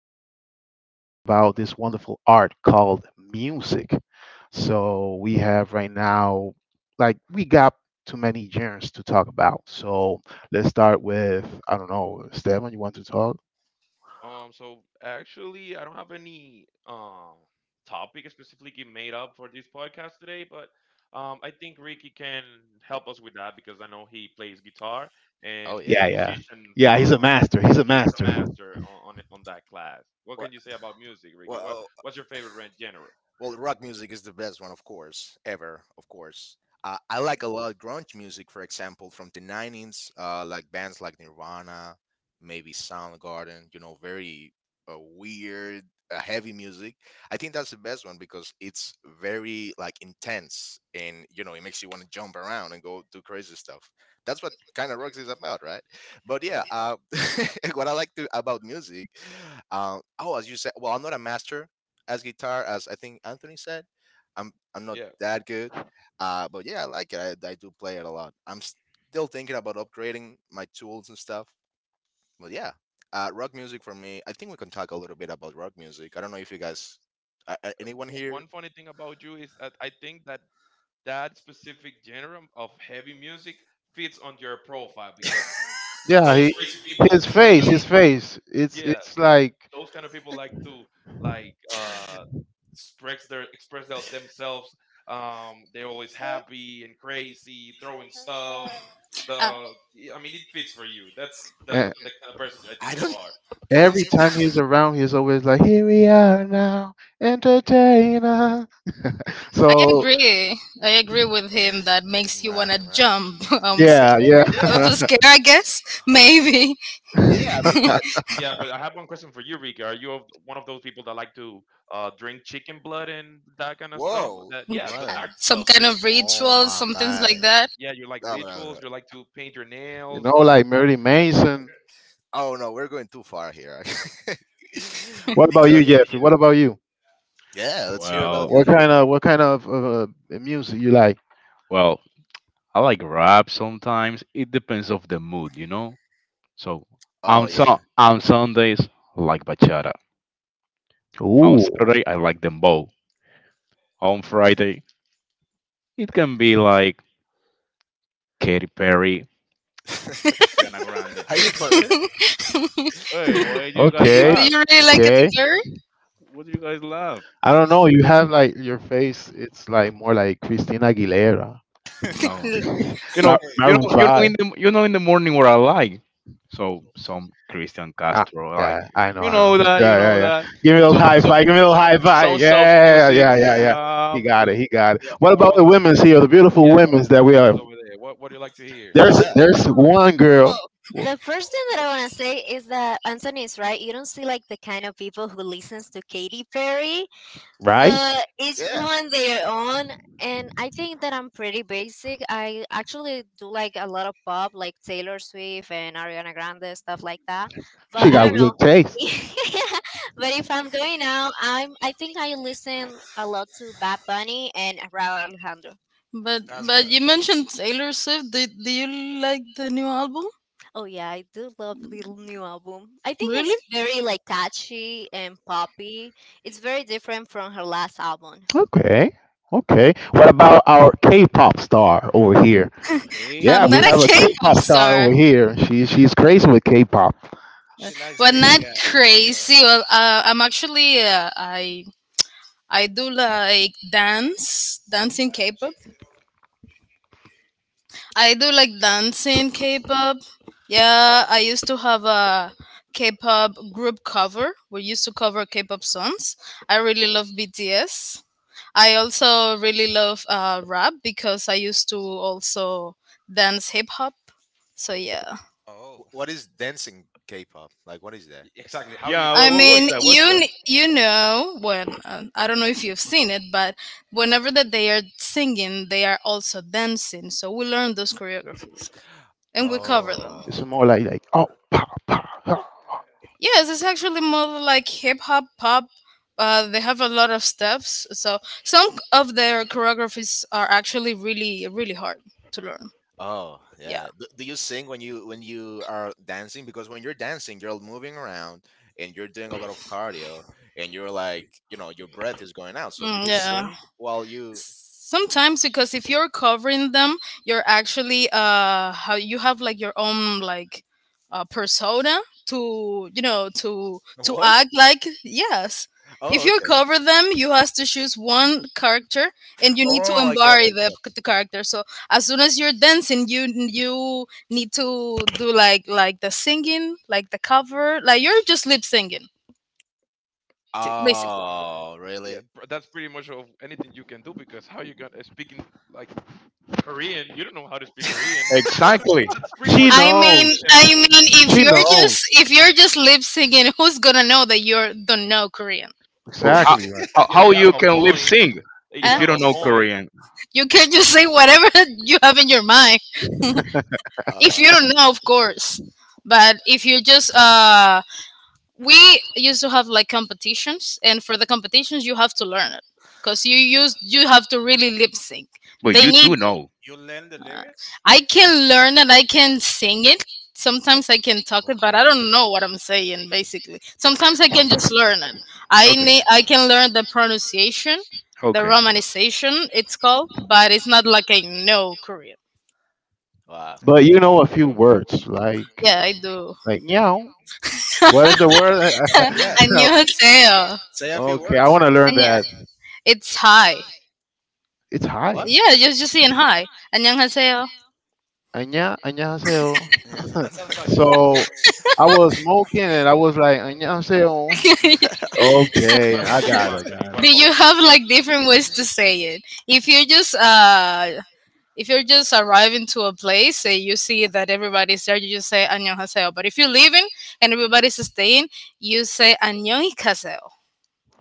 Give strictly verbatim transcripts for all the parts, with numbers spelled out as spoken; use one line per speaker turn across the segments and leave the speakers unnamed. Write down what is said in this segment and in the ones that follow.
Today, we are going to talk about this wonderful art called music. So, we have right now, like, we got too many genres to talk about. So, let's start with, I don't know, Stefan, you want to talk?
Um, so actually, I don't have any uh, topic specifically made up for this podcast today, but um, I think Ricky can help us with that because I know he plays guitar and
Oh
he's a
yeah.
Yeah, yeah.
musician.
Yeah, he's a
Uh,
master. He's a
he is a
master.
master on, on on that class. What
Well,
can you say about music, Ricky? What
well,
what's your favorite ren- genre?
Well, rock music is the best one, of course, ever, of course. Uh, I like a lot of grunge music, for example, from the nineties, uh, like bands like Nirvana, maybe Soundgarden, you know, very uh, weird, uh, heavy music. I think that's the best one because it's very like intense and, you know, it makes you want to jump around and go do crazy stuff. That's what kind of rocks is about, right? But yeah, uh, what I like to, about music, uh, oh, as you said, well, I'm not a master as guitar as I think Anthony said. I'm I'm not
Yeah.
that good, uh, but yeah, I like it. I, I do play it a lot. I'm still thinking about upgrading my tools and stuff. But yeah, uh, rock music for me. I think we can talk a little bit about rock music. I don't know if you guys, uh, uh,
Uh,
anyone
w-
here.
one funny thing about you is that I think that that specific genre of heavy music fits on your profile because
Yeah,
those
he,
crazy people,
his face, his face. It's,
that,
it's like
those kind of people like to like uh express their express thel- themselves, um they're always happy and crazy throwing stuff
Uh,
the I mean it fits for you. That's the
eh,
the kind of person I think
I
you
don't.
are.
I don't.
every time he's around, he's always like, "Here we are now, entertainer."
I
So
agree. I agree with him. That makes you
Right,
wanna jump. Um, sc-
yeah,
right.
yeah.
uh, of
Yeah,
a scare, I guess. Maybe
yeah, I
you
mean that.
Yeah, but I have one question for you, Rika. Are you of, one of those people that like to uh drink chicken blood and that kind of stuff?
Whoa.
That, yeah, the
Uh,
What?
dark
some
stuff.
kind
You,
of
Oh
ritual,
my
some things like
God.
that.
yeah, you like
No, no, no. no,
rituals, you like to paint your nails.
know,
Uh,
like Marilyn Manson.
oh no, we're going too far here.
What about you,
Because
Jeffrey? What about you?
yeah, let's hear about
Well,
you,
What
Jeffrey.
kind of what kind of uh, music you like?
well, I like rap sometimes. It depends of the mood, you know. So
Oh
on so
yeah.
on Sundays, I like bachata. On
Ooh.
Saturday, I like dembow. On Friday, it can be like Katy Perry, Rihanna Grande.
Are you for real?
Do
Hey, why do you guys
you
Okay,
laugh?
really like it,
okay.
sir?
What do you guys laugh?
I don't know. You have like your face. It's like more like Christina Aguilera.
No,
Do
You know,
Mar-
you
Maroon
know, you know
Five.
in the you know in the morning what I like. So some Christian
Ah,
Castro like,
yeah, I know,
you
I
know
know.
that, you
Yeah, yeah,
know
yeah.
that.
Give me those
Some
high
some
five. Give me those
some
high five.
some self
Yeah,
music.
yeah, yeah,
Yeah.
yeah.
Yeah,
He got it.
because
He got it.
Yeah.
What
what
about
which
about,
the women's here? The beautiful
yeah, what
women's
about
that
the
we
women
are.
over there? What what do you like to hear?
There's
Yeah.
there's
Um,
one girl,
Well, the first thing that I want to say is that Anthony is right. You don't see like the kind of people who listens to Katy Perry,
right?
but each
Yeah.
one their own. And I think that I'm pretty basic. I actually do like a lot of pop, like Taylor Swift and Ariana Grande, stuff like that.
you
She
But I
got
like?
don't know.
good taste.
But if I'm going out, I'm I think I listen a lot to Bad Bunny and Rauw Alejandro.
But
That's
but
good.
you mentioned Taylor Swift. Do, do you like the new album?
Oh yeah, I do love the l- new album. I think
Really?
it's very like catchy and poppy. It's very different from her last album.
Okay, okay. What about our K-pop star over here? Yeah,
I'm
hey.
we
not
Oh.
a
have a
K-pop
K-pop star over
star,
here. She she's crazy with K-pop.
She, she likes
but not
B T S for sure.
crazy. Well, uh, I'm actually uh, I I do like dance, dancing K-pop. I do like dancing K-pop. Yeah, I used to have a K-pop group cover. We used to cover K-pop songs. I really love B T S. I also really love uh, rap because I used to also dance hip hop. So yeah,
Oh,
Wh- What is dancing K-pop? Like what is that?
Y- exactly, how do you
Yeah, wha-
I
dance
wha- what's
mean
that?
k-pop?
What's
you
that?
kn- you know, when uh, I don't know if you've seen it, but whenever that they are singing, they are also dancing. So we learn those choreographies and we cover them.
It's
Oh.
more like like oh, pop, pop.
Yes, it's actually more like hip hop pop. Uh, they have a lot of steps, so some of their choreographies are actually really really hard to learn.
Oh,
Yeah,
yeah. Do, do you sing when you when you are dancing? Because when you're dancing, you're moving around and you're doing a lot of cardio, and you're like, you know, your breath is going out. So do
mm,
you
yeah,
sing while you—
sometimes because if you're covering them, you're actually uh how you have like your own, like, uh persona to, you know to to
What?
act like, yes, if
Oh,
you
okay.
cover them you have to choose one character, and you need to
Oh, I get it.
embody
I
the,
get it.
the character. So as soon as you're dancing, you you need to do, like like the singing, like the cover, like you're just lip singing basically.
all right.
Oh,
Yeah,
really?
pr- that's pretty much of anything you can do because how you gonna speaking like Korean, you don't know how to speak Korean. That's
Exactly.
that's pretty much
She
like
I
what you
mean,
knows.
can
I
do.
mean,
Y-
if
She
you're
knows
just if you're just lip singing, who's gonna know that you don't know Korean?
Well, How,
exactly. Like
how
Yeah,
how
you have
you
a
can lip
point.
sync
eh, You
if
Huh?
you
have
don't
a
know
point.
Korean,
You can just say whatever you have in your mind. If you
Oh,
don't know, of course. But if you just uh, we used to have like competitions, and for the competitions, you have to learn it, because you use you have to really lip sync.
but
They
you
need.
do know.
You learn the lyrics?
I can learn and I can sing it. Sometimes I can talk
So
it, but I
cool.
don't know what I'm saying. Basically, sometimes I
Oh,
can just learn it. I
okay.
need. I can
Okay.
learn the pronunciation, the
Okay.
romanization. It's called, but it's not like I know Korean.
wow.
But you know a few
Yeah, okay.
words like
Yeah, I do.
like meow. What is the
Okay.
word?
Yeah.
No.
안녕하세요.
Say a few
Okay, I
words.
want to learn
안녕.
that.
It's hi.
It's
What?
hi.
Yeah, just just saying hi. 안녕하세요.
Anya, 안녕하세요.
Yeah, so.
That sounds like two
So
words.
I was smoking and I was like 안녕하세요.
Yeah,
Okay,
What
I
about you,
got it,
Anthony?
got
What
Do
about
you
you?
have like different ways to say it? If you're just uh if you're just arriving to a place and you see that everybody's there, you just say 안녕하세요. But if you're leaving and everybody's staying, you say 안녕히가세요.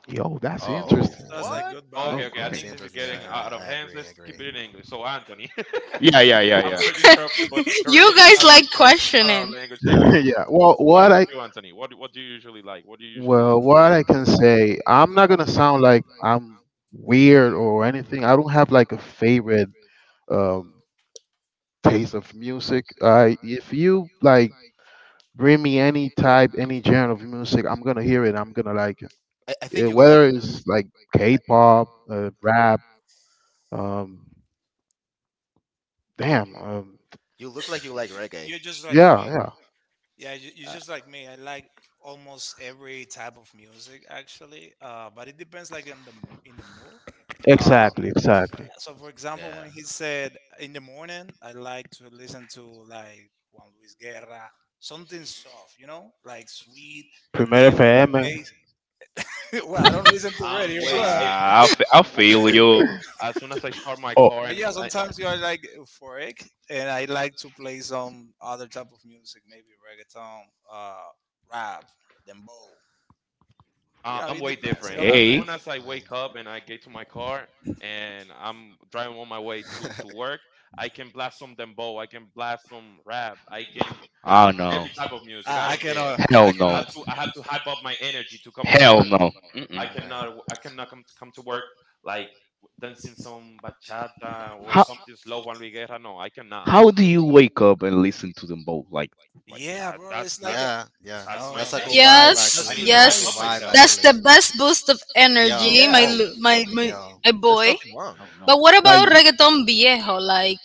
it. Yo, that's
I
Oh,
Oh,
guess so.
interesting,
That's
man.
like
what?
oh,
goodbye.
Okay, okay. I
That's
great.
think this is
interesting. All
getting
right, right.
out of
I
hands.
agree. I
Let's keep
agree.
it in English. So, Anthony,
Yeah, yeah, yeah,
I'm
yeah.
sorry to interrupt you, but the
You
Korean is
guys
not,
like
is it's not our
questioning.
language. Yeah, I know.
Yeah. Well,
What
what
about
I
you, Anthony? What what do you usually like? What do you usually
well, what
listen?
I can say, I'm not gonna sound like I'm weird or anything. I don't have like a favorite um, taste of music. I If you like bring me any type, any genre of music, I'm gonna hear it. I'm gonna like it.
I, I
Eh,
think you like—
Whether it's like K-pop, uh, rap, um,
You
damn, um,
you look like you like reggae.
You're just like me.
yeah, yeah,
Yeah, you, you're
Uh,
just like me. I like almost every type of music, actually. Uh, but it depends, like in the mo- in the mood. Uh,
exactly,
yeah.
exactly.
So for example,
yeah.
when he said in the morning, I like to listen to like Juan Luis Guerra, something soft, you know, like sweet. And
Primera
then when the
F M.
day, well, I don't listen to
I'm
radio,
way
but
Yeah,
different.
I, fe- I
I'm way
feel
different.
you.
As soon as I start my
Oh,
car
But
and
yeah,
I,
sometimes you are like euphoric, and I like to play some other type of music, maybe reggaeton, uh, rap, dembow. You
Uh,
know,
I'm
it
way
depends. It
different.
all
As
Hey,
depends.
soon as I
Right.
wake up and I get to my car and I'm driving on my way to, to work, I can blast some dembow, I can blast some rap, I can,
oh no,
every type of music. I
I, I
don't care.
cannot. I
hell
I
no,
have
cannot.
to I have to hype up my energy to come to
hell
work.
no.
I
Mm-mm.
Right.
cannot w- I cannot come to come to work like dancing some bachata or
How
something slow, Juan Luis Guerra. No, I cannot.
how do you wake up and listen to them both? Like like
Yeah,
Uh,
bro. It's
that's
like a,
that's
Yeah, yeah.
that's
no,
my
no.
That's a good
That's
thing.
vibe,
Yes,
I
that's
actually.
too
need to
That's a
hype
good
yes.
up
noisy.
vibe,
myself.
That's
actually.
the best boost of
Yo,
energy, my
Yeah.
oh
lu- my
fuck no,
my,
yo.
my
There's
boy.
nothing wrong.
oh
But
no.
what about
like
reggaeton viejo? Like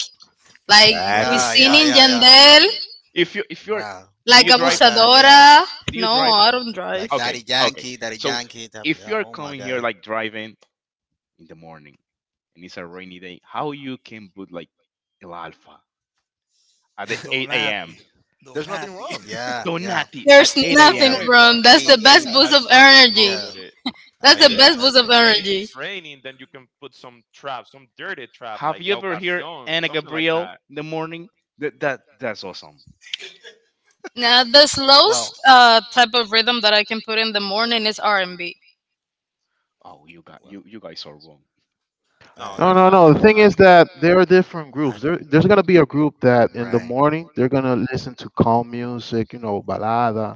like we
exactly.
Yeah,
seen
yeah,
Love
in
yeah,
it.
yeah.
I
Yandel,
love it.
If you if you're
Wow.
do
like
you
Oh my
drive?
God, yes.
Abusadora.
Do you
No,
drive?
I don't drive.
Like
Okay,
Daddy
okay.
Yankee, Daddy
So
Yankee. That,
if
yeah,
you're
oh my
coming here
God.
like driving in the morning and it's a rainy day, how you can put like El Alfa at the 8
Donati,
a.m.
There's nothing
Donati.
wrong.
Yeah, yeah,
Donati at
There's
There's
8
no
nothing
a.m.
yeah.
way,
wrong.
bro. There's
That's
no
the
The the
best
way.
Yeah.
boost
That's
of
nothing wrong
energy.
Yeah.
with it.
I
And
That's the
if
agree.
Yeah.
best
it's
I
boost of
agree.
and if
energy.
it's raining, then you can put some trap, some dirty trap
Have
like
you
la
ever heard
ocasión,
Anna
something like
Gabriel
that.
in the morning? That that that's awesome.
Now, the
Well,
slowest uh, type of rhythm that I can put in the morning is R and B.
Oh, you got you
well.
you guys are wrong.
No,
I
No,
that's
no,
nothing.
no. The
That's
thing is
nothing.
that there are different
I
groups. There, there's gonna be a group that in the
Right.
morning they're gonna listen to calm music, you know, balada,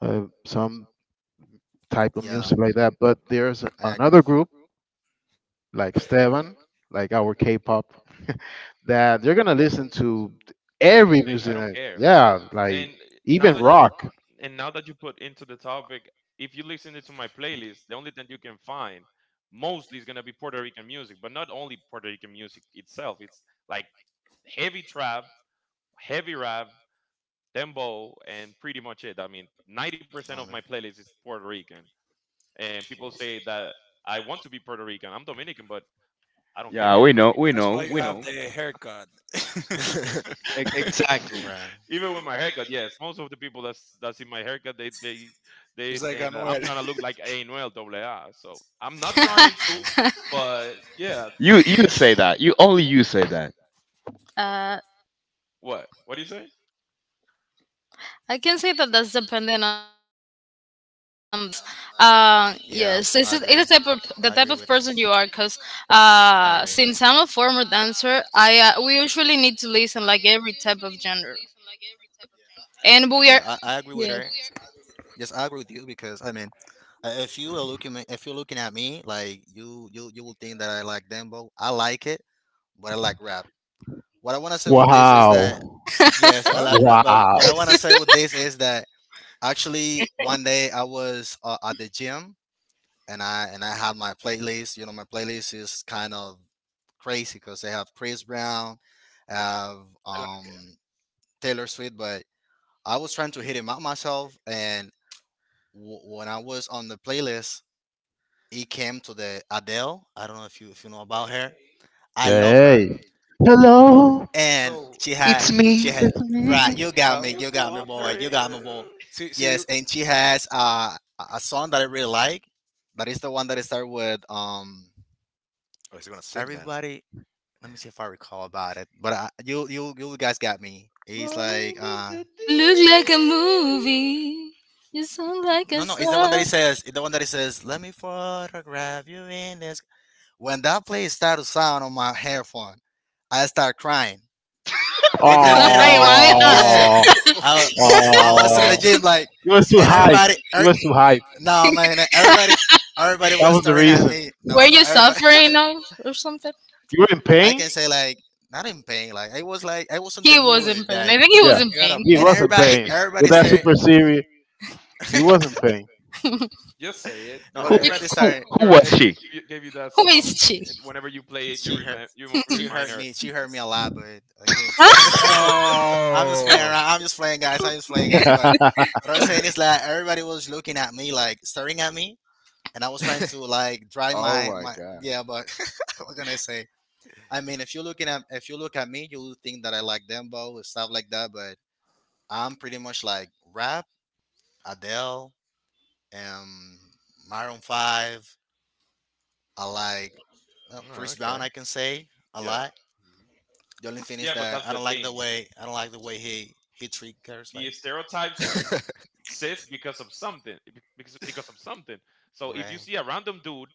uh, some type of
Yeah,
music like that. But there's
I agree.
another group like Stevan, like our K-pop, that they're gonna listen to every
Everything. I
music.
don't
that-
care.
Yeah,
And
like
eh, now
even
that you
rock.
and now that you put into the topic, if you listen to my playlist, the only thing you can find mostly is gonna be Puerto Rican music, but not only Puerto Rican music itself. It's like heavy trap, heavy rap, dembow, and pretty much it. I mean, ninety percent of
Honor.
my playlist is Puerto Rican, and people
Well,
say that I want to be Puerto Rican. I'm Dominican, but I don't
Yeah,
care.
we know, we
That's
know,
why you
we
have
know.
the haircut.
Yeah.
E- exactly.
right,
Even with my haircut, yes, most of the people that's that's in my haircut, they they they
It's like
saying that
Anuel. I
I'm
like
trying to look like A Noel Double A. So I'm not trying
right,
to,
right.
but yeah,
You you say that. You only you say that.
Uh,
what what do you say?
I can say that that's dependent on the person actually, because
Yeah, I agree.
uh,
Um, I agree
yes,
with
it's
so
a,
her.
it's a type of the type of person you
I
are.
agree.
Because uh, since I'm a former dancer, I uh, we usually need to listen like every type of genre,
Yeah, I, I agree
and
with
we are
her.
yeah.
Yes, I agree with you. Because, I mean, uh, if you are looking, me- if you're looking at me, like you, you, you will think that I like dembo. I like it, but I like rap. What I want to say with this is that. Wow.
Wow,
Yes, I
What?
like rap. But what I
wow.
want to say with this is that actually one day I was uh, at the gym, and I and I had my playlist. You know, my playlist is kind of crazy because they have Chris Brown, have
it.
um Taylor Swift, but I was trying to hit him out myself, and w- when I was on the playlist, he came to the Adele. I don't know if you if you know about her. I love her,
Hey, hello,
and
So,
she had she had
it's
Right.
me.
You got
I
me,
was
you got me, boy, you got me, boy.
wondering,
see, see
Yes,
you
and she has uh, a a song that I really like. That is the one that I start with. Um,
Oh, he's gonna sing now,
everybody, let me see if I recall about it. But I, you you you guys got me. He's like
rolling in
uh
the
Look like a
deep.
movie. You sound like
no,
a
no, it's the one that he
song.
says, the one that he says, let me photograph you in this. When that play started to sound on my headphone, I start crying in the
in the
middle
Hey,
of the,
gym.
am
yeah,
Oh,
i
Oh,
Come
i
on,
was in
bro,
the
oh.
gym like,
You was too
and
hype.
everybody, er,
You was too hype.
no, man, everybody, everybody
That
was
was the
staring at
reason.
me.
were
No, no,
you
everybody.
suffering of or something?
You were in
I
pain.
can say like, not in pain. Like, I was like I was in
He
the
was in
mood.
pain.
Like,
I think he was
Yeah,
in
you gotta,
pain.
he
bro.
and
was in
everybody
pain
She.
with
everybody
that
start.
super series. You was in pain.
just say it.
No,
Your
but—
Who
You
ex,
everybody
who
start.
can-
who
your
was
ex
she?
gave you, gave you that
Who is
song,
she?
and whenever you play it, you
she hurt
remind, you
she
remind
hurt
her.
me she hurt me a lot, but again.
Huh?
I'm just playing
oh.
around, I'm just playing, guys, I'm just playing, guys, but what I was saying is that everybody was looking at me, like staring at me, and I was trying to like dry
Oh
my
my
my
god.
yeah, but. What can I say? I mean, if you're looking at if you look at me, you'll think that I like dembo and stuff like that, but I'm pretty much like rap, Adele, um Maroon five. I like, well,
Oh,
Chris
okay.
Brown, I can say I
Yeah,
like. The only thing is
yeah, but that's
that I
the
don't like the
thing,
way I don't like the way he he treat girls,
the
like,
stereotypes exist because of something, be- because because of something. So if you
right,
see a random dude,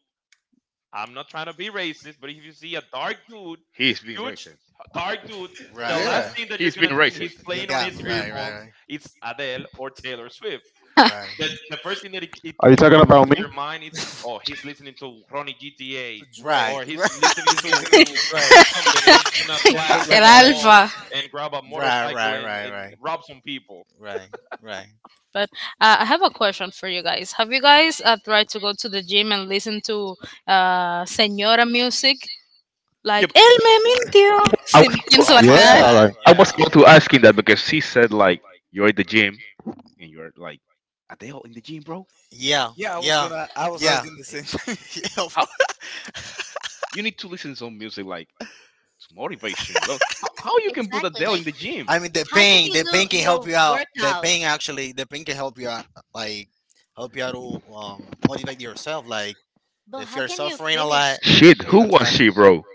I'm not trying to be racist, but if you see a dark dude,
He's being
huge
racist.
dark dude, the
right,
Yeah.
last
right.
thing that you're
He's
gonna
being
think
racist.
he's
You
playing on
got
his
me, right, right,
earphones
right,
is Adele or Taylor Swift.
right,
the, the first thing that it, it,
Are you
it
talking
comes up
about
to
me?
your mind is, oh, he's listening to Ronnie
To
GTA,
right,
or
Drake.
he's listening
He's
to
listening to
to, to
Drake,
something, and he's gonna
Kendrick
blast
right,
some
right,
El
Lamar.
dembo
Alfa.
and grab a
right,
motorcycle
right,
and, and
right,
rob some people.
right, right.
But uh, I have a question for you guys. Have you guys uh, tried to go to the gym and listen to uh, Senora music? Like, El
Yep.
Me Mintió.
I was
Sim-
about to
Things
Oh
like
ask
my
him.
that.
What?
Yeah,
God!
like,
I
Yeah,
was about to
No.
ask him that because he said like you're at the gym and you're like, are they all in the gym, bro?
Yeah,
Yeah, I was
yeah,
gonna. I was
yeah.
asking the same thing.
Of,
How you need to listen to some music like it's motivation. Well, how, how you can put
Exactly.
Adele
Like
in the gym?
I mean, the
how can
pain,
you
the
do
pain can help
your
you out. The
workout?
pain, actually, the pain can help you out, like help you out to um, motivate yourself. Like,
But
if
how
you're
can you
suffering a
finish
lot,
Shit,
you
who
can
was
try to.
she, bro?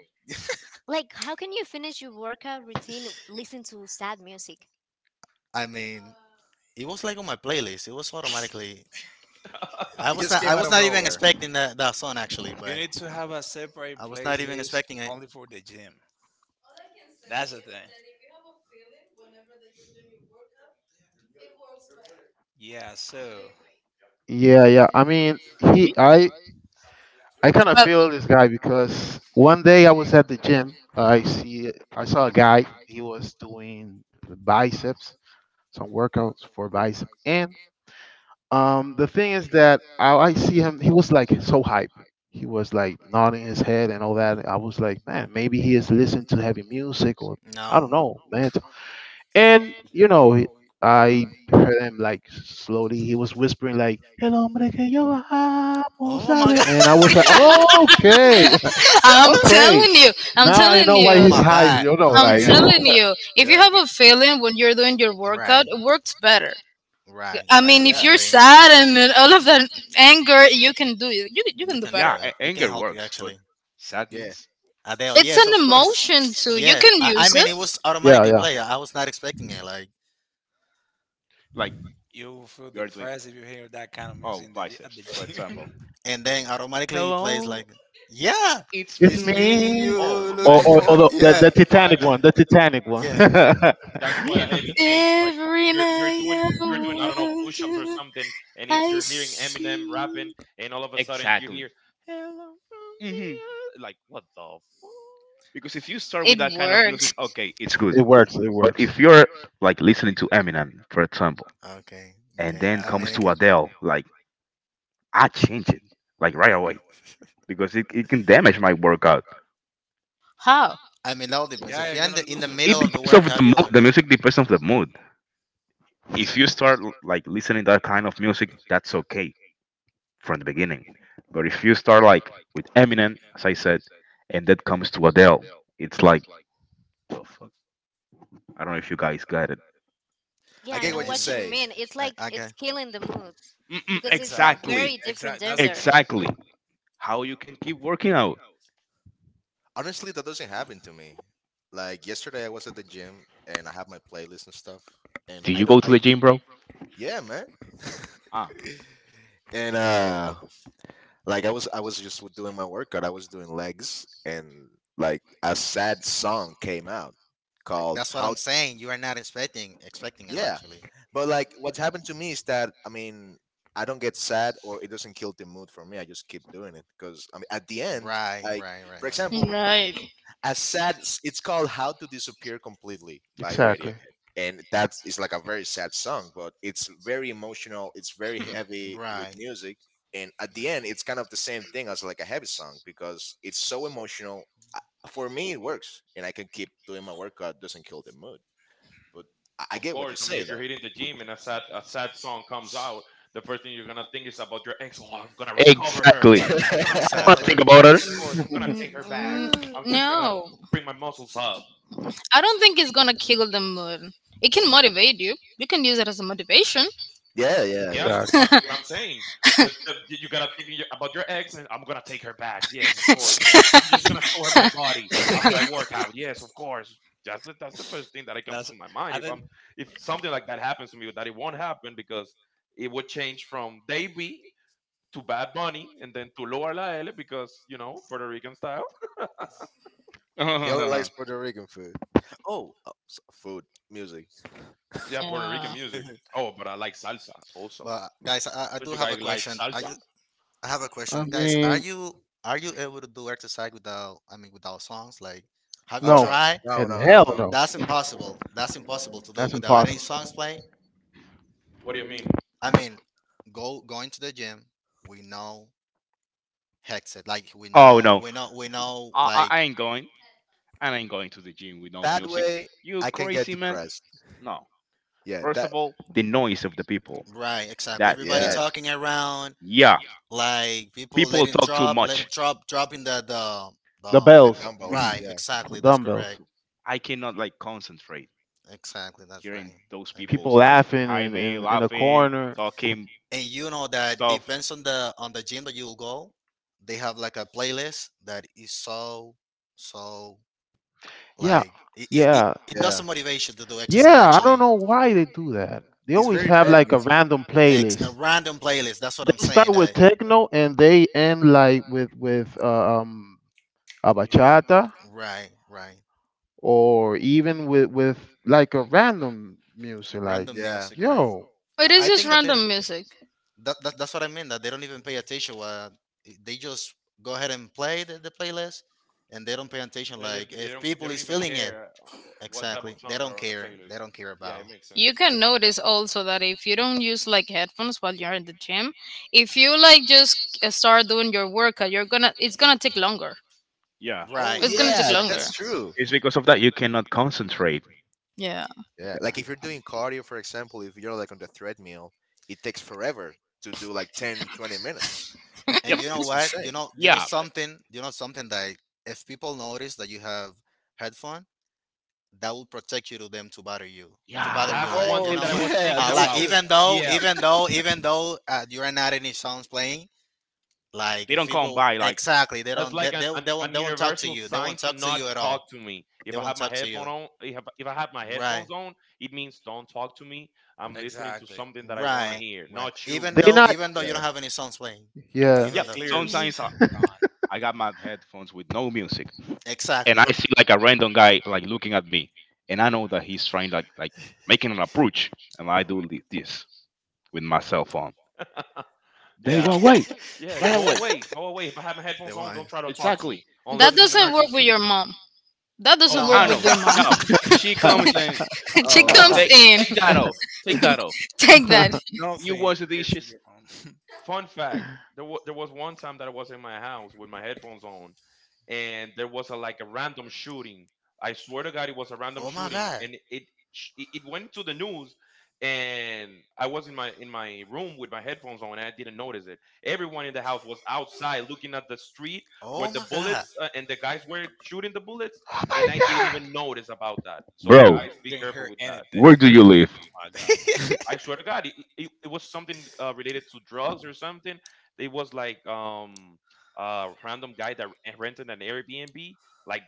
like how can you finish your workout routine listen to sad music?
I mean, it was like on my playlist. It was automatically. I
It
was
just
not. I
came out
was
of
not even
nowhere.
expecting that that song, actually,
You
but.
need to have a separate
I was not even
playlist
expecting it.
only for the gym. That's the thing. Yeah. So
yeah, yeah. I mean, he, I, I kind of
Well,
feel this guy because one day I was at the gym. I see, I saw a guy. He was doing biceps, some workouts for bicep. And um, the thing is that I, I see him. He was like so hype. He was like nodding his head and all
Mhm.
that. I was like, man, maybe he is listening to heavy music or I don't
No.
know, man. And you know, he- I heard him like slowly. He was whispering like "El hombre que yo amo
Oh my
sabe,"
God.
and I was like,
Really?
"Oh, okay,
I'm
okay."
telling you, I'm
Now I
telling
know why
Oh
you,
he's
my
hyped.
God.
You know,
Oh
I'm
my God.
telling
like
you. If you
Yeah.
have a feeling when you're doing your workout,
Right.
it works better.
Right,
I
right.
mean,
I
if
Yeah.
you're
agree.
sad and then all of that anger, you can do it. You, you
You
can do
can do
Yeah,
better.
it.
a-
It can
anger
help you,
works, but
actually.
Yeah,
sadness,
Adele,
It's
yes,
an
of course.
emotion too. You
Yes,
can
I, I
use
mean
it.
it was
yeah,
automatically
yeah.
play. I was not expecting it. Like,
like
you will feel
you are doing,
depressed if you hear that kind of music
oh,
in the, gy- at
biceps,
the
for
gym.
example.
and then automatically it plays like,
Hello,
yeah,
it's
It's
it's
me.
me you
me,
Oh
or
man,
looking
or, or
for.
that's
the, the
that's
Yeah,
the
quite
Titanic
a,
one, the Titanic one.
yeah.
that's quite a
man,
heavy change. Like,
Every
you're you're
night
doing,
I
you're doing, I don't know,
want
push-ups or
you,
something, and it's,
I
you're hearing Eminem rapping,
see.
and all of a sudden you
exactly.
hear, "Hello from
Hmm.
the oth-" like what the fuck?
Because if you start
It
with that kind of
works.
music, okay, it's good.
It works. It
But
works.
if you're like listening to Eminem, for example,
Okay,
and
okay.
then
yeah.
I
comes
mean, it
to
can,
Adele, like I change it like right away because it, it can damage my workout.
How?
I mean that all depends.
Yeah,
If
you're
you're in
gonna
the, in
lose
the
your
It
middle of
rhythm.
the
depends of the
workout, you
mood.
and
The
the,
music depends on the mood. If you start l- like listening that kind of music, that's okay from the beginning. But if you start like with Eminem, as I said, and that comes to Adele, it's like the fuck. I don't know if you guys got it.
I
Yeah, I
yeah,
get
I
know
what you
mean,
what you
say.
mean. It's
I,
like
I
it's
got,
killing the mood.
Mm-mm,
Because it's a
Exactly.
very
exactly,
different
Exactly. That's the
gender.
word.
exactly. How you can keep working out?
Honestly, that doesn't happen to me. Like yesterday, I was at the gym and I have my playlist and stuff, and
Do
I
you
don't.
go to
I
the gym, bro?
Yeah, man.
Ah,
And uh like I was I was just doing my workout. I was doing legs, and like a sad song came out
like,
called
that's what
"How"—
I'm saying. You are not expecting expecting it,
yeah.
actually.
But like what happened to me is that, I mean, I don't get sad or it doesn't kill the mood for me. I just keep doing it because, I mean, at the end,
Right,
like,
right, right,
for
right,
example,
Right.
as sad— it's called "How to Disappear Completely" by
Exactly.
Radiohead, and that's— it's like a very sad song, but it's very emotional, it's very heavy with
right, right.
music. And at the end it's kind of the same thing as like a heavy song because it's so emotional. I- for me it works, and I can keep doing my workout. Doesn't kill the mood. But i, I
Of
get what you
course, I mean
say
if you're
though.
hitting the gym and a sad, a sad song comes out, the first thing you're gonna think is about your ex. Oh, I'm gonna recover her.
exactly.
I'm gonna
I want
recover
to
Exactly.
think
her.
about
Yes,
her.
of course. I'm gonna
N-
take her back.
n-
I'm just gonna
No.
bring my muscles up.
I don't think it's gonna kill the mood. It can motivate you. You can use it as a motivation.
Yeah, yeah,
Yeah,
yeah,
that's
Exactly.
exactly what I'm saying. The, the, you you gotta think of your-, about your ex, and I'm gonna take her back. Yes, of course. I'm just gonna show her my body after I work out. Yes, of course. That's the, that's the first thing that it comes
That's.
to my mind.
I
If
didn't
I'm, if something like that happens to me, that it won't happen because it would change from Davey to Bad Bunny and then to Lower La L because you know Puerto Rican style.
he only likes Puerto Rican food. oh, oh s- food— music.
Yeah, Puerto Rican
Uh,
music. Oh, but I like salsa also.
But, guys, I, I
Don't
do
you
have a
guys like
question. Are
salsa?
you? I have a
I
question, guys. Are
mean,
you are you able to do exercise without? I mean, without songs? Like, have you
oh
no,
no
tried?
no
hell
no no
hell
no
no.
That's impossible. That's impossible to do
That's
without any
impossible.
songs playing.
What do you mean?
I mean, go going to the gym. We know headset. Like, we
Oh
know
no,
we know we know,
I, I,
like,
I ain't going. And I'm going to the gym with no
That
music.
way,
You
I can get
crazy man?
depressed.
No.
Yeah,
First
that.
of all, the noise of the people.
right, exactly.
That
Everybody
that
Yeah,
talking around.
yeah,
Like, people
people
letting
talk too
drop, let it
much.
drop, dropping the, the
The
the
the
bells,
dumbbells.
Right,
Mhm.
Yeah,
the
exactly. That's
dumbbells.
correct.
I cannot like concentrate
Exactly, that's
hearing
right.
those
I agree.
People
people's like
laughing
behind
in,
me
in, in a
laughing,
corner.
talking
And you know that
stuff.
depends on the on the gym that you'll go. They have like a playlist that is so, so
Yeah,
like. Yeah, it it, it,
yeah,
it does
yeah.
some motivation to do exercise,
yeah. I
actually.
don't know why they do that. They
It's
always
very
have
bad
like a
music.
random
Ex A
playlist.
random playlist. That's what I'm
They
saying.
start with
That,
techno and they end like with with uh, um a
really.
bachata
right, right.
or even with with like a random music. Like,
Random
Yeah.
music, right.
yo,
It is
I, I
just
think that they,
random music.
that, that that's what I mean. That they don't even pay attention. What, eh, they just go ahead and play the, the playlist, and they don't pay attention.
They don't-
Like
they
if
don't. They
people
don't
is
even
feeling it,
care uh, what type of
exactly, they
songs are
don't
on the
care.
playlist.
They don't care
Yeah, it
about.
makes
You
sense.
can notice also that if you don't use like headphones while you're in the gym, if you like just uh, start doing your workout, you're gonna it's gonna take longer.
Yeah,
Oh
Right,
It's
right,
gonna take
yeah,
exactly.
longer.
that's true.
it's because of that you cannot concentrate.
Yeah.
Yeah, like if you're
Right.
doing cardio, for example, if you're like on the treadmill, it takes forever to do like ten, twenty minutes.
And
Yep.
you know
It's
what? You
insane.
know, you know
Yeah. uh,
something. You know something that if people notice that you have headphone, that will protect you to them to bother you, to bother you.
That's
Yeah.
Like,
one
you
Oh
thing that
know,
I
What?
was
yeah,
thinking
a
that's
lot.
Oh,
about.
true.
Even though,
Yeah,
even though, even though uh, you are not any songs playing, like
they
if
don't come
people,
by like.
exactly, they
that's
don't, they,
like an,
they,
an,
they won't
an
they won't talk to
universal
you. They
sign
won't
to
talk to
not
you at all.
talk to me.
They
If I
won't
have my
talk to you.
headphone on, if, if I have my
Right.
headphones on, it means don't talk to me. I'm listening to
Exactly.
something that I want to
Right.
hear,
Right.
not you.
Even
they
though
not
even though you
Yeah.
don't have any songs playing.
That's
yeah.
a
Even
Yep.
though,
clear s-
Sometimes I,
sign.
I got my headphones with no music. And I
exactly.
see like a random guy like looking at me, and I know that he's trying like like making an approach, and I do thi- this with my cell phone. They go
Yeah,
away,
yeah,
right
go
away,
away, go away. If I have my
They
headphones on,
won't.
don't try to talk to
exactly.
me unless
That
But
it's an
doesn't work with
emergency.
your mom. That doesn't
Oh
No.
I
work with
hell
don't
your
no.
mom.
know. No, she comes and
She
Oh
comes
no.
take
in.
take that off, take that off.
Take that.
You
Nothing.
wash the
Lyrics with
dishes,
your own. You
Fun fact: there, was there was one time that I was in my house with my headphones on, and there was a like a random shooting. I swear to God, it was a random
Oh my
shooting,
God.
and it sh- it it went into the news. And I was in my, in my room with my headphones on, and I didn't notice it. Everyone in the house was outside looking at the street where
Oh
the
my God.
bullets, uh, and the guys were shooting the bullets, and I didn't even notice about that. So
bro.
guys, be
didn't
careful
hear
with that.
anything.
Where do you live?
My God.
I swear to God, it, it, it was something uh, related to drugs or something. It was like um a random guy that rented an Airbnb like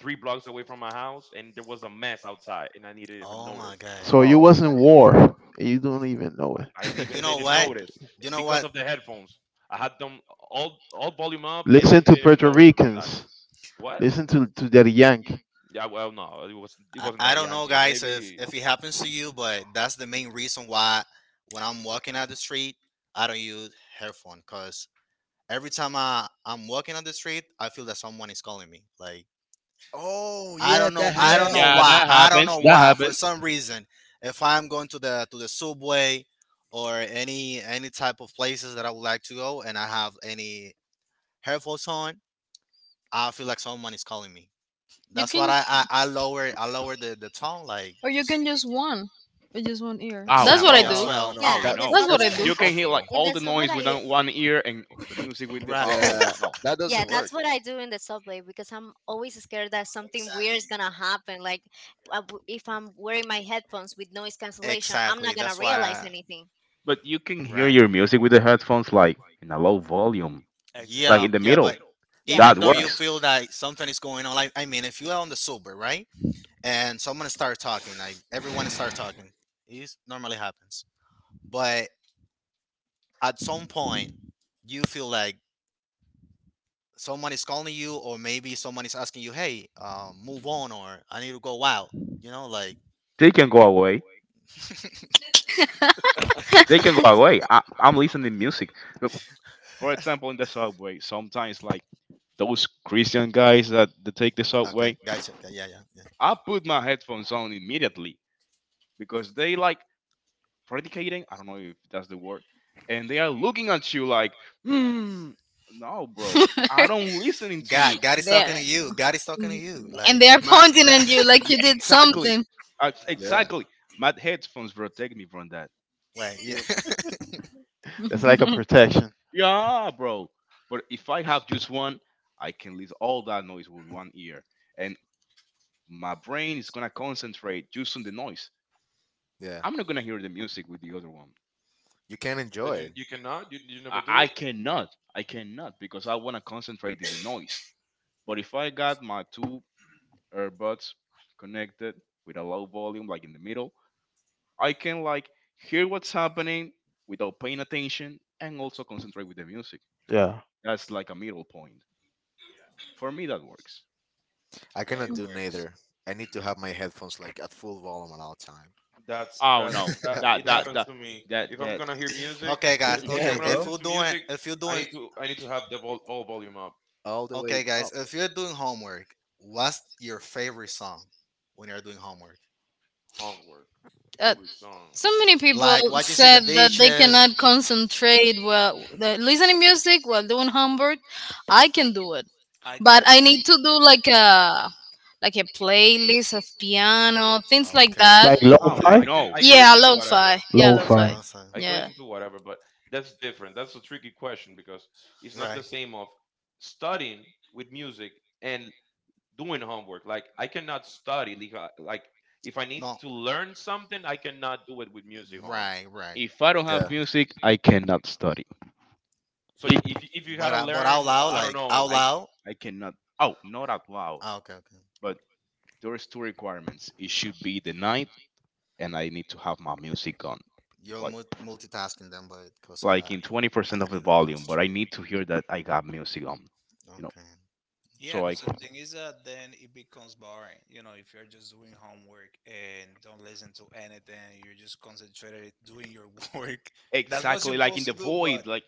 three blocks away from my house, and there was a mess outside, and I didn't even
Oh my
notice.
God.
So you
Oh.
was in war. And you don't even know it.
I
You
even
know
didn't
what?
notice
You know
because
what?
of the headphones. I had them all all volume up, and I
Listen to
didn't even
Puerto
notice about that.
Ricans.
What?
Listen to to that yank.
Yeah, well, no, it was, it
I,
wasn't
I
that a
don't know,
Yankee.
guys, if
Maybe.
if it happens to you, but that's the main reason why when I'm walking out the street, I don't use headphone because every time I I'm walking on the street, I feel that someone is calling me. Like,
oh
I
yeah,
don't know,
that
I don't
happens
Yeah.
know
to
Yeah,
me.
why,
that
I don't
happens.
know
That
why. For
happens.
some reason, if I'm going to the to the subway or any any type of places that I would like to go, and I have any headphones on, I feel like someone is calling me.
You
That's what
can-
I I, I lower, I lower the the tone, like,
or
to.
you
s-
can just one. With just one ear.
Oh
That's
Yes,
what I
Exactly,
uh,
no,
as
No,
do.
yeah,
no,
well.
no,
oh
yeah. In
that—
the
no.
That's what
that's
I
subway,
too
do.
You can hear like
uncomfortable.
in
all
the
the
subway,
noise with
I
one ear and the music with the
Right.
oh, oh
Yeah,
no.
that
yeah,
doesn't work.
that's what I do in the subway because I'm always scared that something weird is gonna happen. Like uh, if I'm wearing my headphones with noise cancellation, I'm not
Exactly.
gonna
That's why
realize
I,
anything.
But you can hear
right.
your music with the headphones like in a low volume, like
Yeah,
in the
Exactly.
yeah,
middle.
but
Yeah,
That
even though
Yeah.
you
works.
feel that something is going on, like, I mean, if you are on the sober, right, and someone start talking, like everyone start talking, it normally happens. But at some point, you feel like someone is calling you, or maybe someone is asking you, "Hey, um, move on," or "I need to go out." You know, like,
They can go away. They can go away. I, I'm listening music. Look, for example, in the subway, sometimes like those Christian guys that they take the
okay,
subway,
gotcha, okay, yeah, yeah, yeah.
I put my headphones on immediately because they like predicating. I don't know if that's the word, and they are looking at you like, hmm, no, bro, I don't listening to
God,
you.
God is talking
There.
to you. God is talking to you.
And
Like
they are pointing
that.
at you like you
Yeah,
did
exactly.
something.
Uh,
Yeah.
exactly. My headphones protect me from that.
Wait, yeah.
You-
That's like a protection.
Yeah, bro. But if I have just one, I can listen all that noise with one ear, and my brain is gonna concentrate just on the noise.
Yeah,
I'm not gonna hear the music with the other one.
you can
That
enjoy it.
you you cannot, you you
I,
never do.
I cannot. I cannot because I wanna concentrate in the noise. But if I got my two earbuds connected with a low volume, like in the middle, I can like hear what's happening without paying attention and also concentrate with the music.
Yeah,
That's like a middle point. For me, that works.
I
Yeah,
cannot
it
do
works.
neither. I need to have my headphones like at full volume at all time.
That's
Oh
that's
no,
that.
I
that
It
that
happens
that
to me.
that
If I'm
that.
gonna hear music,
Okay, guys.
if, if
Mm-mm.
I'm
can,
Okay,
gonna
if
listen
bro,
you're
to
doing,
music,
if you're
I
doing,
need to, I need to have the vol- all volume up.
all the way
okay, guys,
up.
if you're doing homework, what's your favorite song when you're doing homework?
Homework,
Uh,
favorite song.
So many people
Like watching see the
said that they
dishes.
cannot concentrate while the listening music while doing homework. I can do it,
I can.
but I need to do like a like a playlist of piano, things like
Okay,
that.
like
Oh
No,
okay.
lo-fi?
I can,
no!
I can
Yeah,
listen to whatever.
lo-fi. Yeah,
Yeah,
Lo-fi.
lo-fi.
Last time,
I can
Yeah.
listen to whatever, but that's different. That's a tricky question because it's not the
right?
same of studying with music and doing homework. Like I cannot study like I- like if I need
No,
to learn something, I cannot do it with music on.
right, right.
If I don't have
yeah,
music, I cannot study.
So
It,
if you-, if you
But
gotta
I, but out
learn,
loud,
I don't
like out
know,
I
loud.
I cannot. Oh, not out loud.
Ah, okay, okay.
But there's two requirements. It should be the night, and I need to have my music on.
You're
Like
mul- multitasking them, but because I,
like in
I
twenty percent
I
of the
need to
volume, but I
concentrate.
need to hear that I got music on, you know.
Okay.
Yeah,
So like
because the thing is that then it becomes boring. You know, if you're just doing homework and don't listen to anything, you're just concentrated doing your work. That's what you're
exactly like in
supposed
the
to do, but
void, like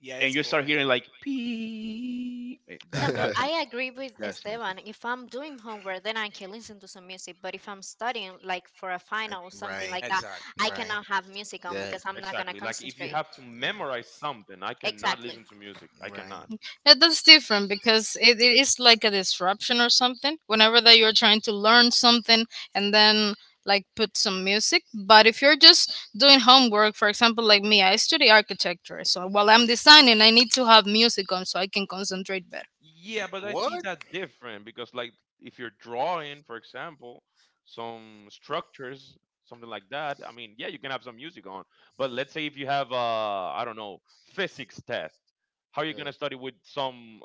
yeah,
and
it's
you start
boring.
hearing like pee. eh,
no,
That
but
that's n-
I agree with
that's not good,
Esteban. If I'm doing homework, then I can listen to some music. But if I'm studying, like for a
Uh,
final or something
Right.
like that,
Exactly.
I
Right.
cannot have music on
yeah.
because I'm not gonna
exactly. Like if you
concentrate.
have to
Mm,
memorize something, I cannot
Exactly.
listen to music. I
right.
cannot.
Yeah, that's different because it, it is like a disruption or something. Whenever that you're trying to learn something and then like put some music. But if you're just doing homework, for example, like me, I study architecture. So while I'm designing, I need to have music on so I can concentrate better.
Yeah, but I see
What?
that
Exactly.
different because like if you're drawing, for example, some structures, something like that, I mean, yeah, you can have some music on. But let's say if you have uh I don't know, physics test, how are you
Yeah,
gonna study with some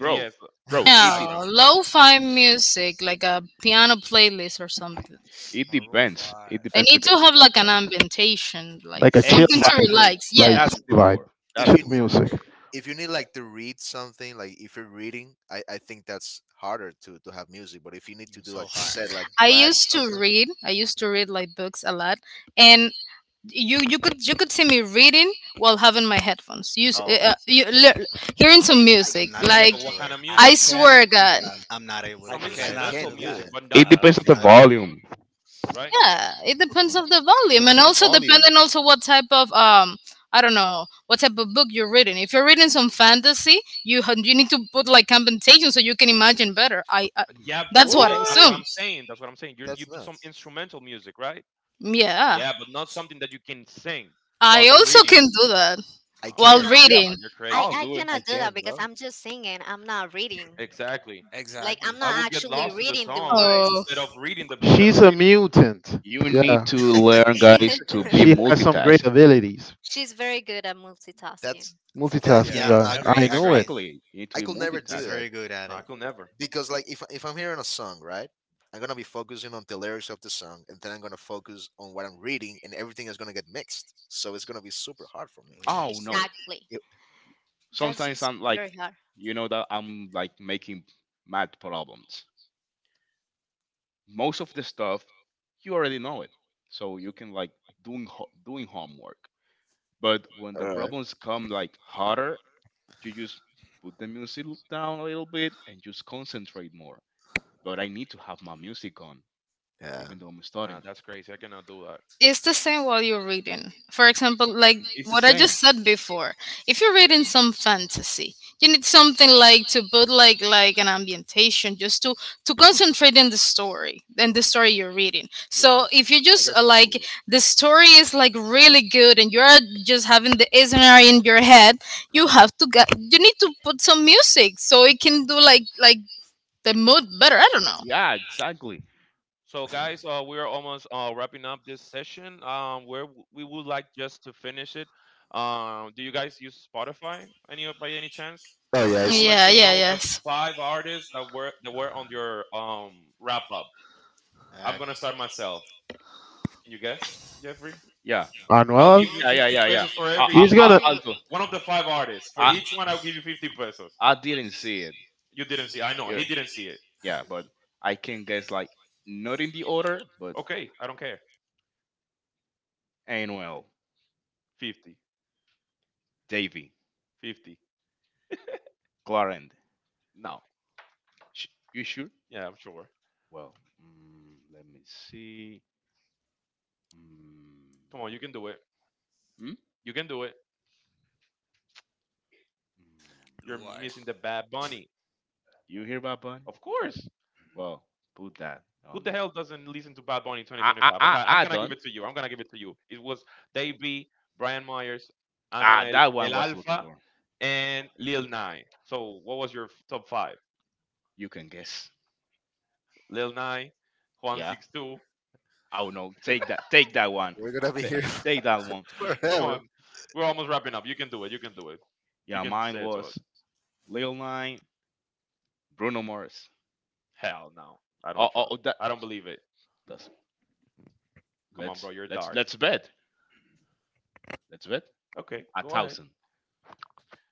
bro. Bro,
on the
it de-
No,
background?
lo-fi music, like a piano playlist or something.
it
Maroon
depends. It
five.
I
depends
need
because
to have like an
yeah.
ambientation, like
Like a chill
something to
vibe.
exactly
relax.
Like
Yes.
that's the
chill vibe.
word. That's
If
Chill
you
the
need—
word.
music.
if you need like to read something, like if you're reading, I— I think that's harder to to have music. But if you need
You're
to do,
so
like you
hard.
said,
Yeah.
like
I
write
used to
something—
read. I used to read like books a lot. And you you could you could see me reading while having my headphones use uh, uh,
oh,
you, li- hearing some
I
I'm
music,
not
Yeah,
able
can't,
to
like,
but what
do
kind
it.
of
I
I
music?
can't
swear
do
god.
I'm
that.
I'm not able to
I
Some
do
I
that.
cannot
instrumental
do
can't do
that
music,
that.
but
It
not
at
depends
all.
on
I'm
music
the
not
like,
able.
volume.
right?
Yeah, it depends of the
It
volume, and
depends on the
also
volume.
depending also what type of, um I don't know what type of book you're reading. If you're reading some fantasy, you ha- you need to put like compensation so you can imagine better. I, I
Yeah, the-
That's what
Mm-hmm.
I
okay, that's
What?
what
assume.
I'm saying. That's what I'm saying. You
That's
you put some
nuts.
instrumental music, right?
Yeah,
Yeah, but not something that you can sing while
I
you're
also
reading.
can do that
I
No,
while
you're
can't,
No,
crazy.
Yeah,
No,
reading.
you're
I
I'll
crazy.
I
do it.
I
cannot do that
can't,
because
bro.
I'm just singing. I'm not reading.
Exactly.
Like
Exactly.
I'm
I
not
would get
actually
lost to the
reading the
song
words.
instead
Oh.
of reading the book that
She's
I'm
a
reading.
mutant.
You need
Yeah.
to learn, guys, to be
She has some
multitask.
great abilities.
She's very good at
That's
multitasking.
for
Yeah.
for
Multitasking.
Yeah.
Yeah.
Yeah,
I
Yeah. I
agree.
definitely.
I
know
agree.
it.
Exactly. You need to
I
be
could never
She's
do
multitask.
that,
very good at
No, I
it.
could never.
because like if if I'm hearing a song, right? I'm gonna be focusing on the lyrics of the song, and then I'm gonna focus on what I'm reading, and everything is gonna get mixed. So it's gonna be super hard for me.
Right.
Oh
So,
no.
Exactly.
it—
That's
Sometimes
just
I'm like,
very hard.
you know that I'm like making math problems. Most of the stuff you already know it, so you can like doing ho- doing homework. But when the
all right,
problems come like harder, you just put the music down a little bit and just concentrate more. But I need to have my music on,
yeah,
even though I'm
Nah,
studying.
that's crazy. I cannot do that.
It's the same while you're reading. For example, like
It's the
what I
same.
just said before, if you're reading some fantasy, you need something like to put like like an ambientation, just to to concentrate in the story and the story you're reading. So
yes,
if you
I
just
guess
uh,
that's
like
cool.
the story is like really good and you're just having the scenario in your head, you have to get you need to put some music so it can do like like the mood better. I don't know.
Yeah, exactly.
So, guys, uh, we're almost uh, wrapping up this session. Um, where w- we would like just to finish it. Um, do you guys use Spotify, any by any chance?
Oh
I
yes,
would like
Yeah,
to
yeah,
know the
yes.
Yeah.
five artists that were that were on your um wrap up.
Uh,
I'm gonna start myself. Can you guess, Jeffrey?
Yeah,
I'll
Manuel?
give you
yeah, yeah,
fifty
yeah, yeah.
pesos for
I,
every
I,
He's
I,
uh,
gonna
I'll do.
one of the five artists. For
I,
each one, I'll give you fifty pesos.
I didn't see it.
You didn't see. I know
Yeah,
he didn't see it.
yeah, but I can guess like not in the order, but
Okay, I don't care.
Anuel,
fifty,
Davy,
fifty.
Clarend.
No,
Sh- you sure?
yeah, I'm sure.
Well, mm, let me see. Mm,
Come on, you can do it.
hmm?
You can do it.
Mm.
You're
Blue Eye.
missing the Bad Bunny,
You hear about Bunny?
of course.
Well, put that
Who
on
the
it.
hell doesn't listen to Bad Bunny
I, I,
twenty twenty-five?
I,
Okay, I'm
I
gonna give
don't.
it to you. I'm gonna give it to you. It was Dave B, Brian Myers,
Ah,
Anuel,
that
El
one was looking
Alfa,
for.
and Lil Nye. So what was your f- top five?
You can guess.
Lil Nye, Juan
Yeah.
Six Two.
Oh no, take that, take that one,
we're gonna be
Ta-
here
take that one. Mm.
Come
forever.
on, we're almost wrapping up. You can do it. You can do it. You
Yeah,
can say
mine
it to us.
was Lil Nine, Bruno Mars.
Hell no, I
Oh,
don't
oh,
trust.
oh, that.
I don't believe it.
That's,
Come on,
let's
bro, you're
let's
dark.
let's bet. Let's bet
Okay,
a
go ahead.
thousand.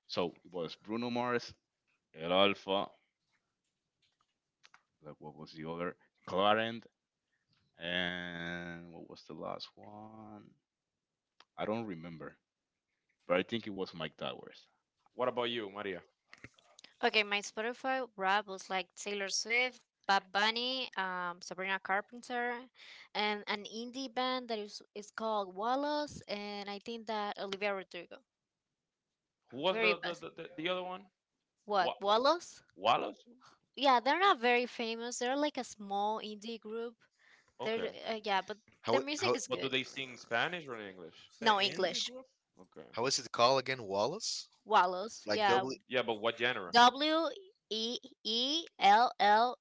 So it was Bruno Mars, El Alfa. Like what was the other? Clarent, and what was the last one? I don't remember, but I think it was Mike Towers.
What about you, Maria?
Okay, my Spotify rap was like Taylor Swift, Bad Bunny, um, Sabrina Carpenter, and an indie band that is, is called Wallace, and I think that Olivia Rodrigo.
Who was
Very
the the
best.
the, the, the other one?
What,
What,
Wallace?
Wallace?
Yeah, they're not very famous. They're like a small indie group
Okay,
there, uh, yeah, but the
How
music
how
is
but do
good.
they sing Spanish or in English?
Uh,
No
In the
English.
group?
Okay.
how is it called again? Wallace?
Wallows.
Like
Yeah,
double?
Yeah, but what genre?
W E E L L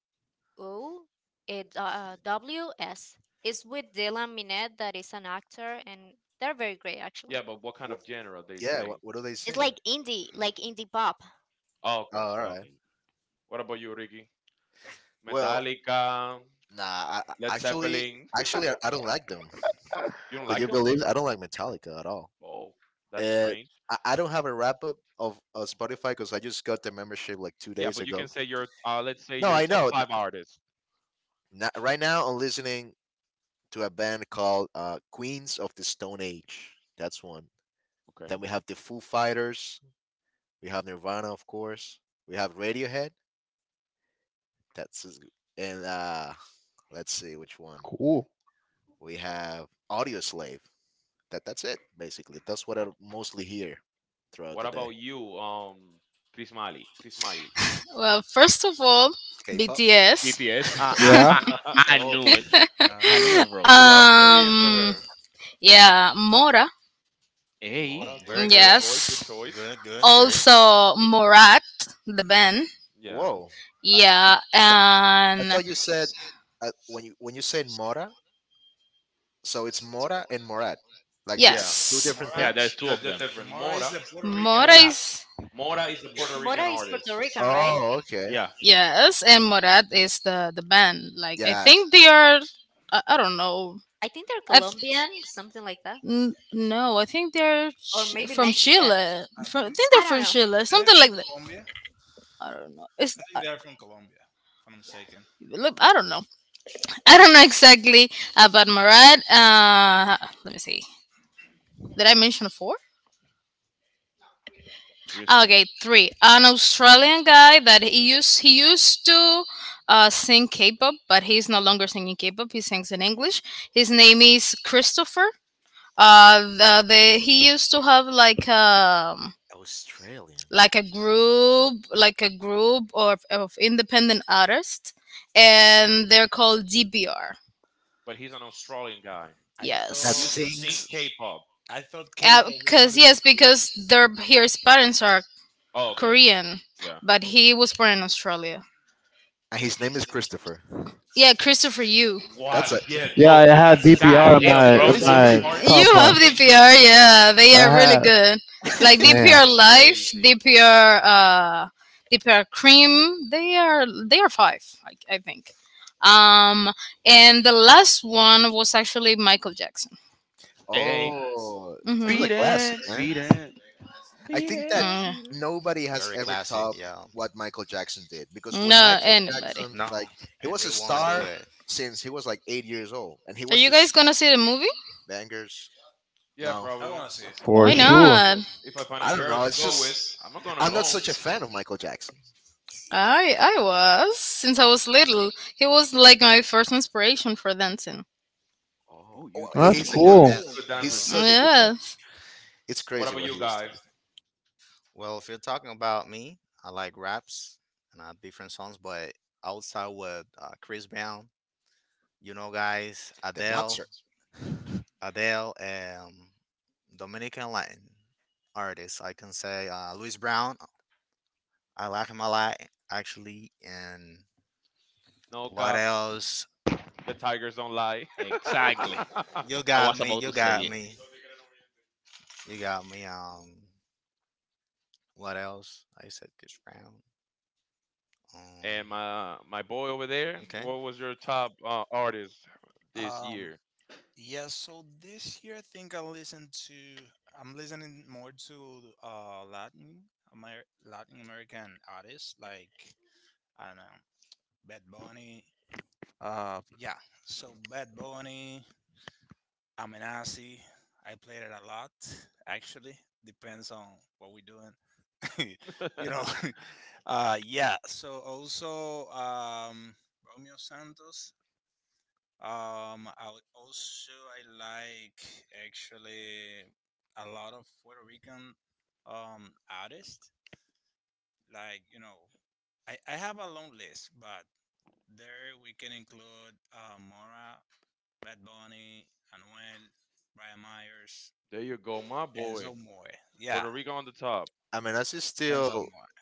O it uh, W S. It's with Dylan Minnette, that is an actor, and they're very great actually.
Yeah, but what kind of
What,
genre they
yeah. What,
sing?
what do they
It's
sing?
like indie, like indie pop.
Oh,
Oh,
okay.
all right.
Okay.
What about you, Ricky?
Well,
Metallica,
nah. I, I-
Led
actually,
Zeppelin.
actually, I, I don't like them.
You don't
Could
like
you
them?
believe it? I don't like Metallica at all.
Oh, that's
Uh,
strange.
I— I don't have a wrap up of uh, Spotify because I just got the membership like two
Yeah,
days
but you
ago.
can say your, uh, let's say
No,
your
I
top
know. Th-
five artists.
na- right now, I'm listening to a band called uh, Queens of the Stone Age. That's one.
Okay.
Then we have the Foo Fighters. We have Nirvana, of course. We have Radiohead. That's as- and uh, let's see which one.
cool.
We have Audio Slave. That that's it basically. That's what I mostly hear throughout
What
the
about
day.
you, um, Chris Miley? Chris Miley.
Well, first of all,
K-pop.
B T S.
B T S. I I,
Yeah.
I I
Oh,
knew it. I
No.
knew it, bro.
beloved Korean for
um
her.
yeah, Mora.
Mm,
oh,
Hey.
Mora,
very
good, good
good.
choice, good
Yes,
choice.
Good. Good. Good.
also Morat, the band.
Yeah,
Whoa.
Yeah.
I
And
thought you said uh, when you— when you said Mora, so it's Mora and Morat, like
yeah,
it's two
yes,
different
Yeah,
Mora,
there's
things.
two
that's
of
that's
them.
different.
Mora is
Mora,
the Puerto
Mora
Rican.
Mora,
is-
Mora is the Puerto
Yeah.
Rican
Mora is
artist,
Puerto Rican, right?
Oh, okay.
Yeah,
Yes, and Morat is the the band, like I
Yeah,
think they are. i, I don't know.
I think they're
I th-
Colombian, something like that,
n- no, I think they're
or
ch-
maybe
from
Mexican.
Chile.
I
from, I
think
think they're
I don't
from
know.
Chile,
Isn't it
something
from
like that.
Colombia?
I don't know. It's
I think
i,
they are from Colombia, if I'm not mistaken.
look, I don't know. I don't know exactly about Murad. Uh, let me see. Did I mention four?
Jerusalem.
Okay, three. An Australian guy that he used he used to uh, sing K-pop, but he's no longer singing K-pop. He sings in English. His name is Christopher. Uh, the, the He used to have like um
Australian.
like a group like a group of, of independent artists, and they're called D B R.
but he's an Australian guy.
I
That
thought
Used to
Yes.
sing
sings,
K-pop.
I thought
Uh,
K-pop was
Because
only for
yes,
Koreans.
because their his parents are
Oh, okay.
Korean,
Yeah.
but he was born in Australia.
and his name is Christopher.
Yeah, Christopher Yu.
What?
That's a
Yeah, d-
Yeah,
d-
Oh,
I
uh,
that's
had
god
D P R
strange.
in
that's
damn,
a
my
bro.
in
crazy
Both
my
mix.
Martin's
top
You
Korean
have
five.
and named
D P R.
him
Yeah, they
I
are really
had,
Christopher.
good. Like
man,
D P R
That's
Life,
crazy.
D P R, uh, D P R Cream. They are they are five. I, I think. Um, and the last one was actually Michael Jackson.
Hey,
Oh, this
Mm-hmm.
is a classic,
beaten,
man.
beaten.
I
Beat
think that
it,
Mm,
beat it.
nobody has
Very
ever
classic,
topped
yeah.
what Michael Jackson did, because when
no,
Michael
anybody.
Jackson,
No,
like, he
and
was
they
a
won't do
star
it.
since he was like eight years old, and he
Are
was
you guys
just
gonna see the movie?
bangers.
Yeah,
No,
I
probably.
want to see it.
for
Why
sure.
not?
If I find a
I don't
girl
know.
to
It's
go
just—
with, I'm not going
I'm not
alone.
such a fan of Michael Jackson.
I I was since I was little. He was like my first inspiration for dancing.
Oh,
Oh, you
oh,
Well,
dance?
that's
he's a
Yeah,
good
he
cool.
was
dancer.
a good
He's
dancer
Oh.
too.
such a good dancer.
Yes.
It's
What
crazy
about
what
you
he used to
guys?
do.
Well, if you're talking about me, I like raps and I have different songs, but outside with uh, Chris Brown, you know, guys,
The
Adele,
boxer.
Adele, um, Dominican Latin artists. I can say uh, Louis Brown. I like him a lot, actually. And
No
what
cap.
else?
The Tigers don't lie.
Exactly.
You
I
got
was
me.
about
You
to say
got
it.
me. You got me. Um, what else? I said Chris Brown. Um,
And my my boy over there,
okay.
what was your top uh, artist this
Um.
year?
Yeah. So this year, I think I listened to. I'm listening more to uh Latin Amer- Latin American artists like I don't know Bad Bunny. Uh. Yeah. So Bad Bunny, Amenazi. I played it a lot actually. Depends on what we're doing. You know. Uh yeah, so also um Romeo Santos. um i al- also I like, actually, a lot of Puerto Rican um artists, like, you know, i i have a long list, but there we can include uh Mora, Bad Bunny, Anuel, Brian Myers,
There you go, my boy.
enzo more yeah
Puerto Rico on the top,
I mean, as he's
Enzo
still—
More.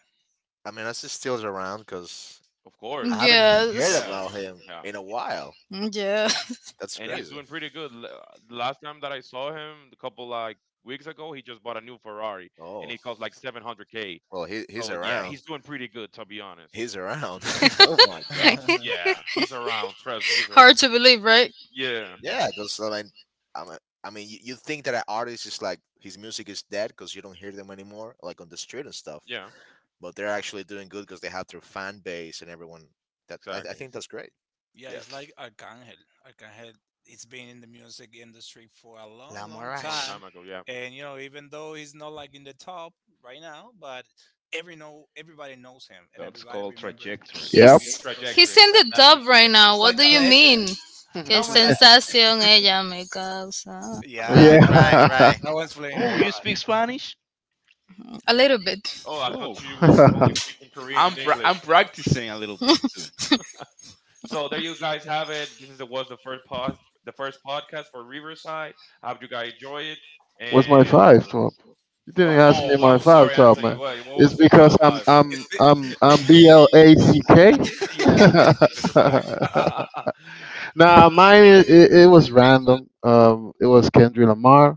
I mean, as he's still around, because
of
I
course.
haven't heard
Yes.
Yeah,
about him
yeah,
in a while.
Yeah.
That's
and
Yeah.
he's
crazy.
doing pretty good. L- uh, The last time that I saw him, a couple like weeks ago, he just bought a new Ferrari,
Oh,
and it cost like seven hundred k.
well, he, he's
So yeah,
around.
he's doing pretty good to be honest.
He's around. Oh my god.
Yeah, he's around. Trust me, he's
Hard
around.
to believe, right?
Yeah,
Yeah.
Yeah, because I mean, I mean, I mean, you, you think that an artist is like his music is dead because you don't hear them anymore, like on the street and stuff.
yeah,
But they're actually doing good because they have their fan base and everyone. That I, I
exactly.
think that's great.
Yeah,
Yeah,
it's like Arcangel. Arcangel, it's been in the music industry for a long,
La
long
long
Mirage.
time.
time ago. Yeah,
And you know, even though he's not like in the top right now, but every know everybody knows him and
That's
everybody
called
remembers
trajectory.
his
that
song
Yep.
means
He's
because
trajectory.
he's in
Exact.
the
That means
dub right
trajectory.
now.
it's
What
like
do
a
you mean?
legend.
Que
No man, I-
sensación ella me causa.
yeah,
Yeah.
Right,
that one is
right, right.
that one's playing a
Oh, you
lot.
speak Spanish?
A little bit.
Oh, I
Oh,
thought you was only speaking Korean
I'm
and
pra-
English.
I'm practicing a little bit too.
So there you guys have it. This is, the was the first pod, the first podcast for Riverside. I hope you guys enjoy it
What's my
and.
five top? You didn't
What?
ask me
Oh, I'm
my five
sorry,
top,
Anthony.
man.
What? What
It's
was your top
because I'm
five?
It's,
I'm
be-
I'm I'm B L A C K.
Yeah, because you're black.
Nah, mine, it, it, it was random. Um, it was Kendrick Lamar.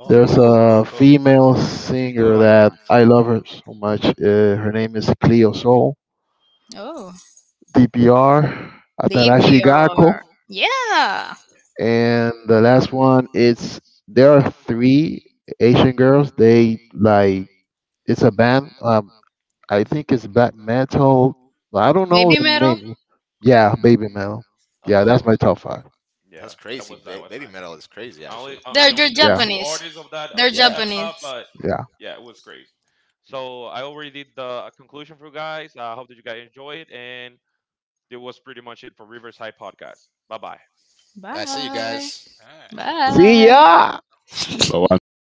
Oh,
There's
Ooh.
cool,
a
cool, cool.
female
Do you know
singer
like
that
that?
I love her so much. Uh, her name is Cleo Soul.
Oh.
D P R.
Deep
Atarashigako.
your Yeah.
And the last one, it's there are three Asian girls. They like it's a band. Um, I think it's black metal, but I don't know
Baby
the
metal.
name. Yeah, baby metal. Yeah, that's
Oh,
my top five.
that's
Yeah, that
crazy.
was, that
Ba-
was
baby
nice.
metal is crazy,
I
actually.
only, I I
They're they're
only knew
Yeah,
two
Japanese.
artists of that of,
They're
of
Yeah.
that
Japanese.
top, but
yeah.
yeah, it was crazy. So I
Yeah.
already did the conclusion for you guys. I hope that you guys enjoyed, and that was pretty much it for Riverside Podcast. Bye bye.
I see you
Bye.
guys.
Yeah.
See ya.
Bye.
Go on, Dylan.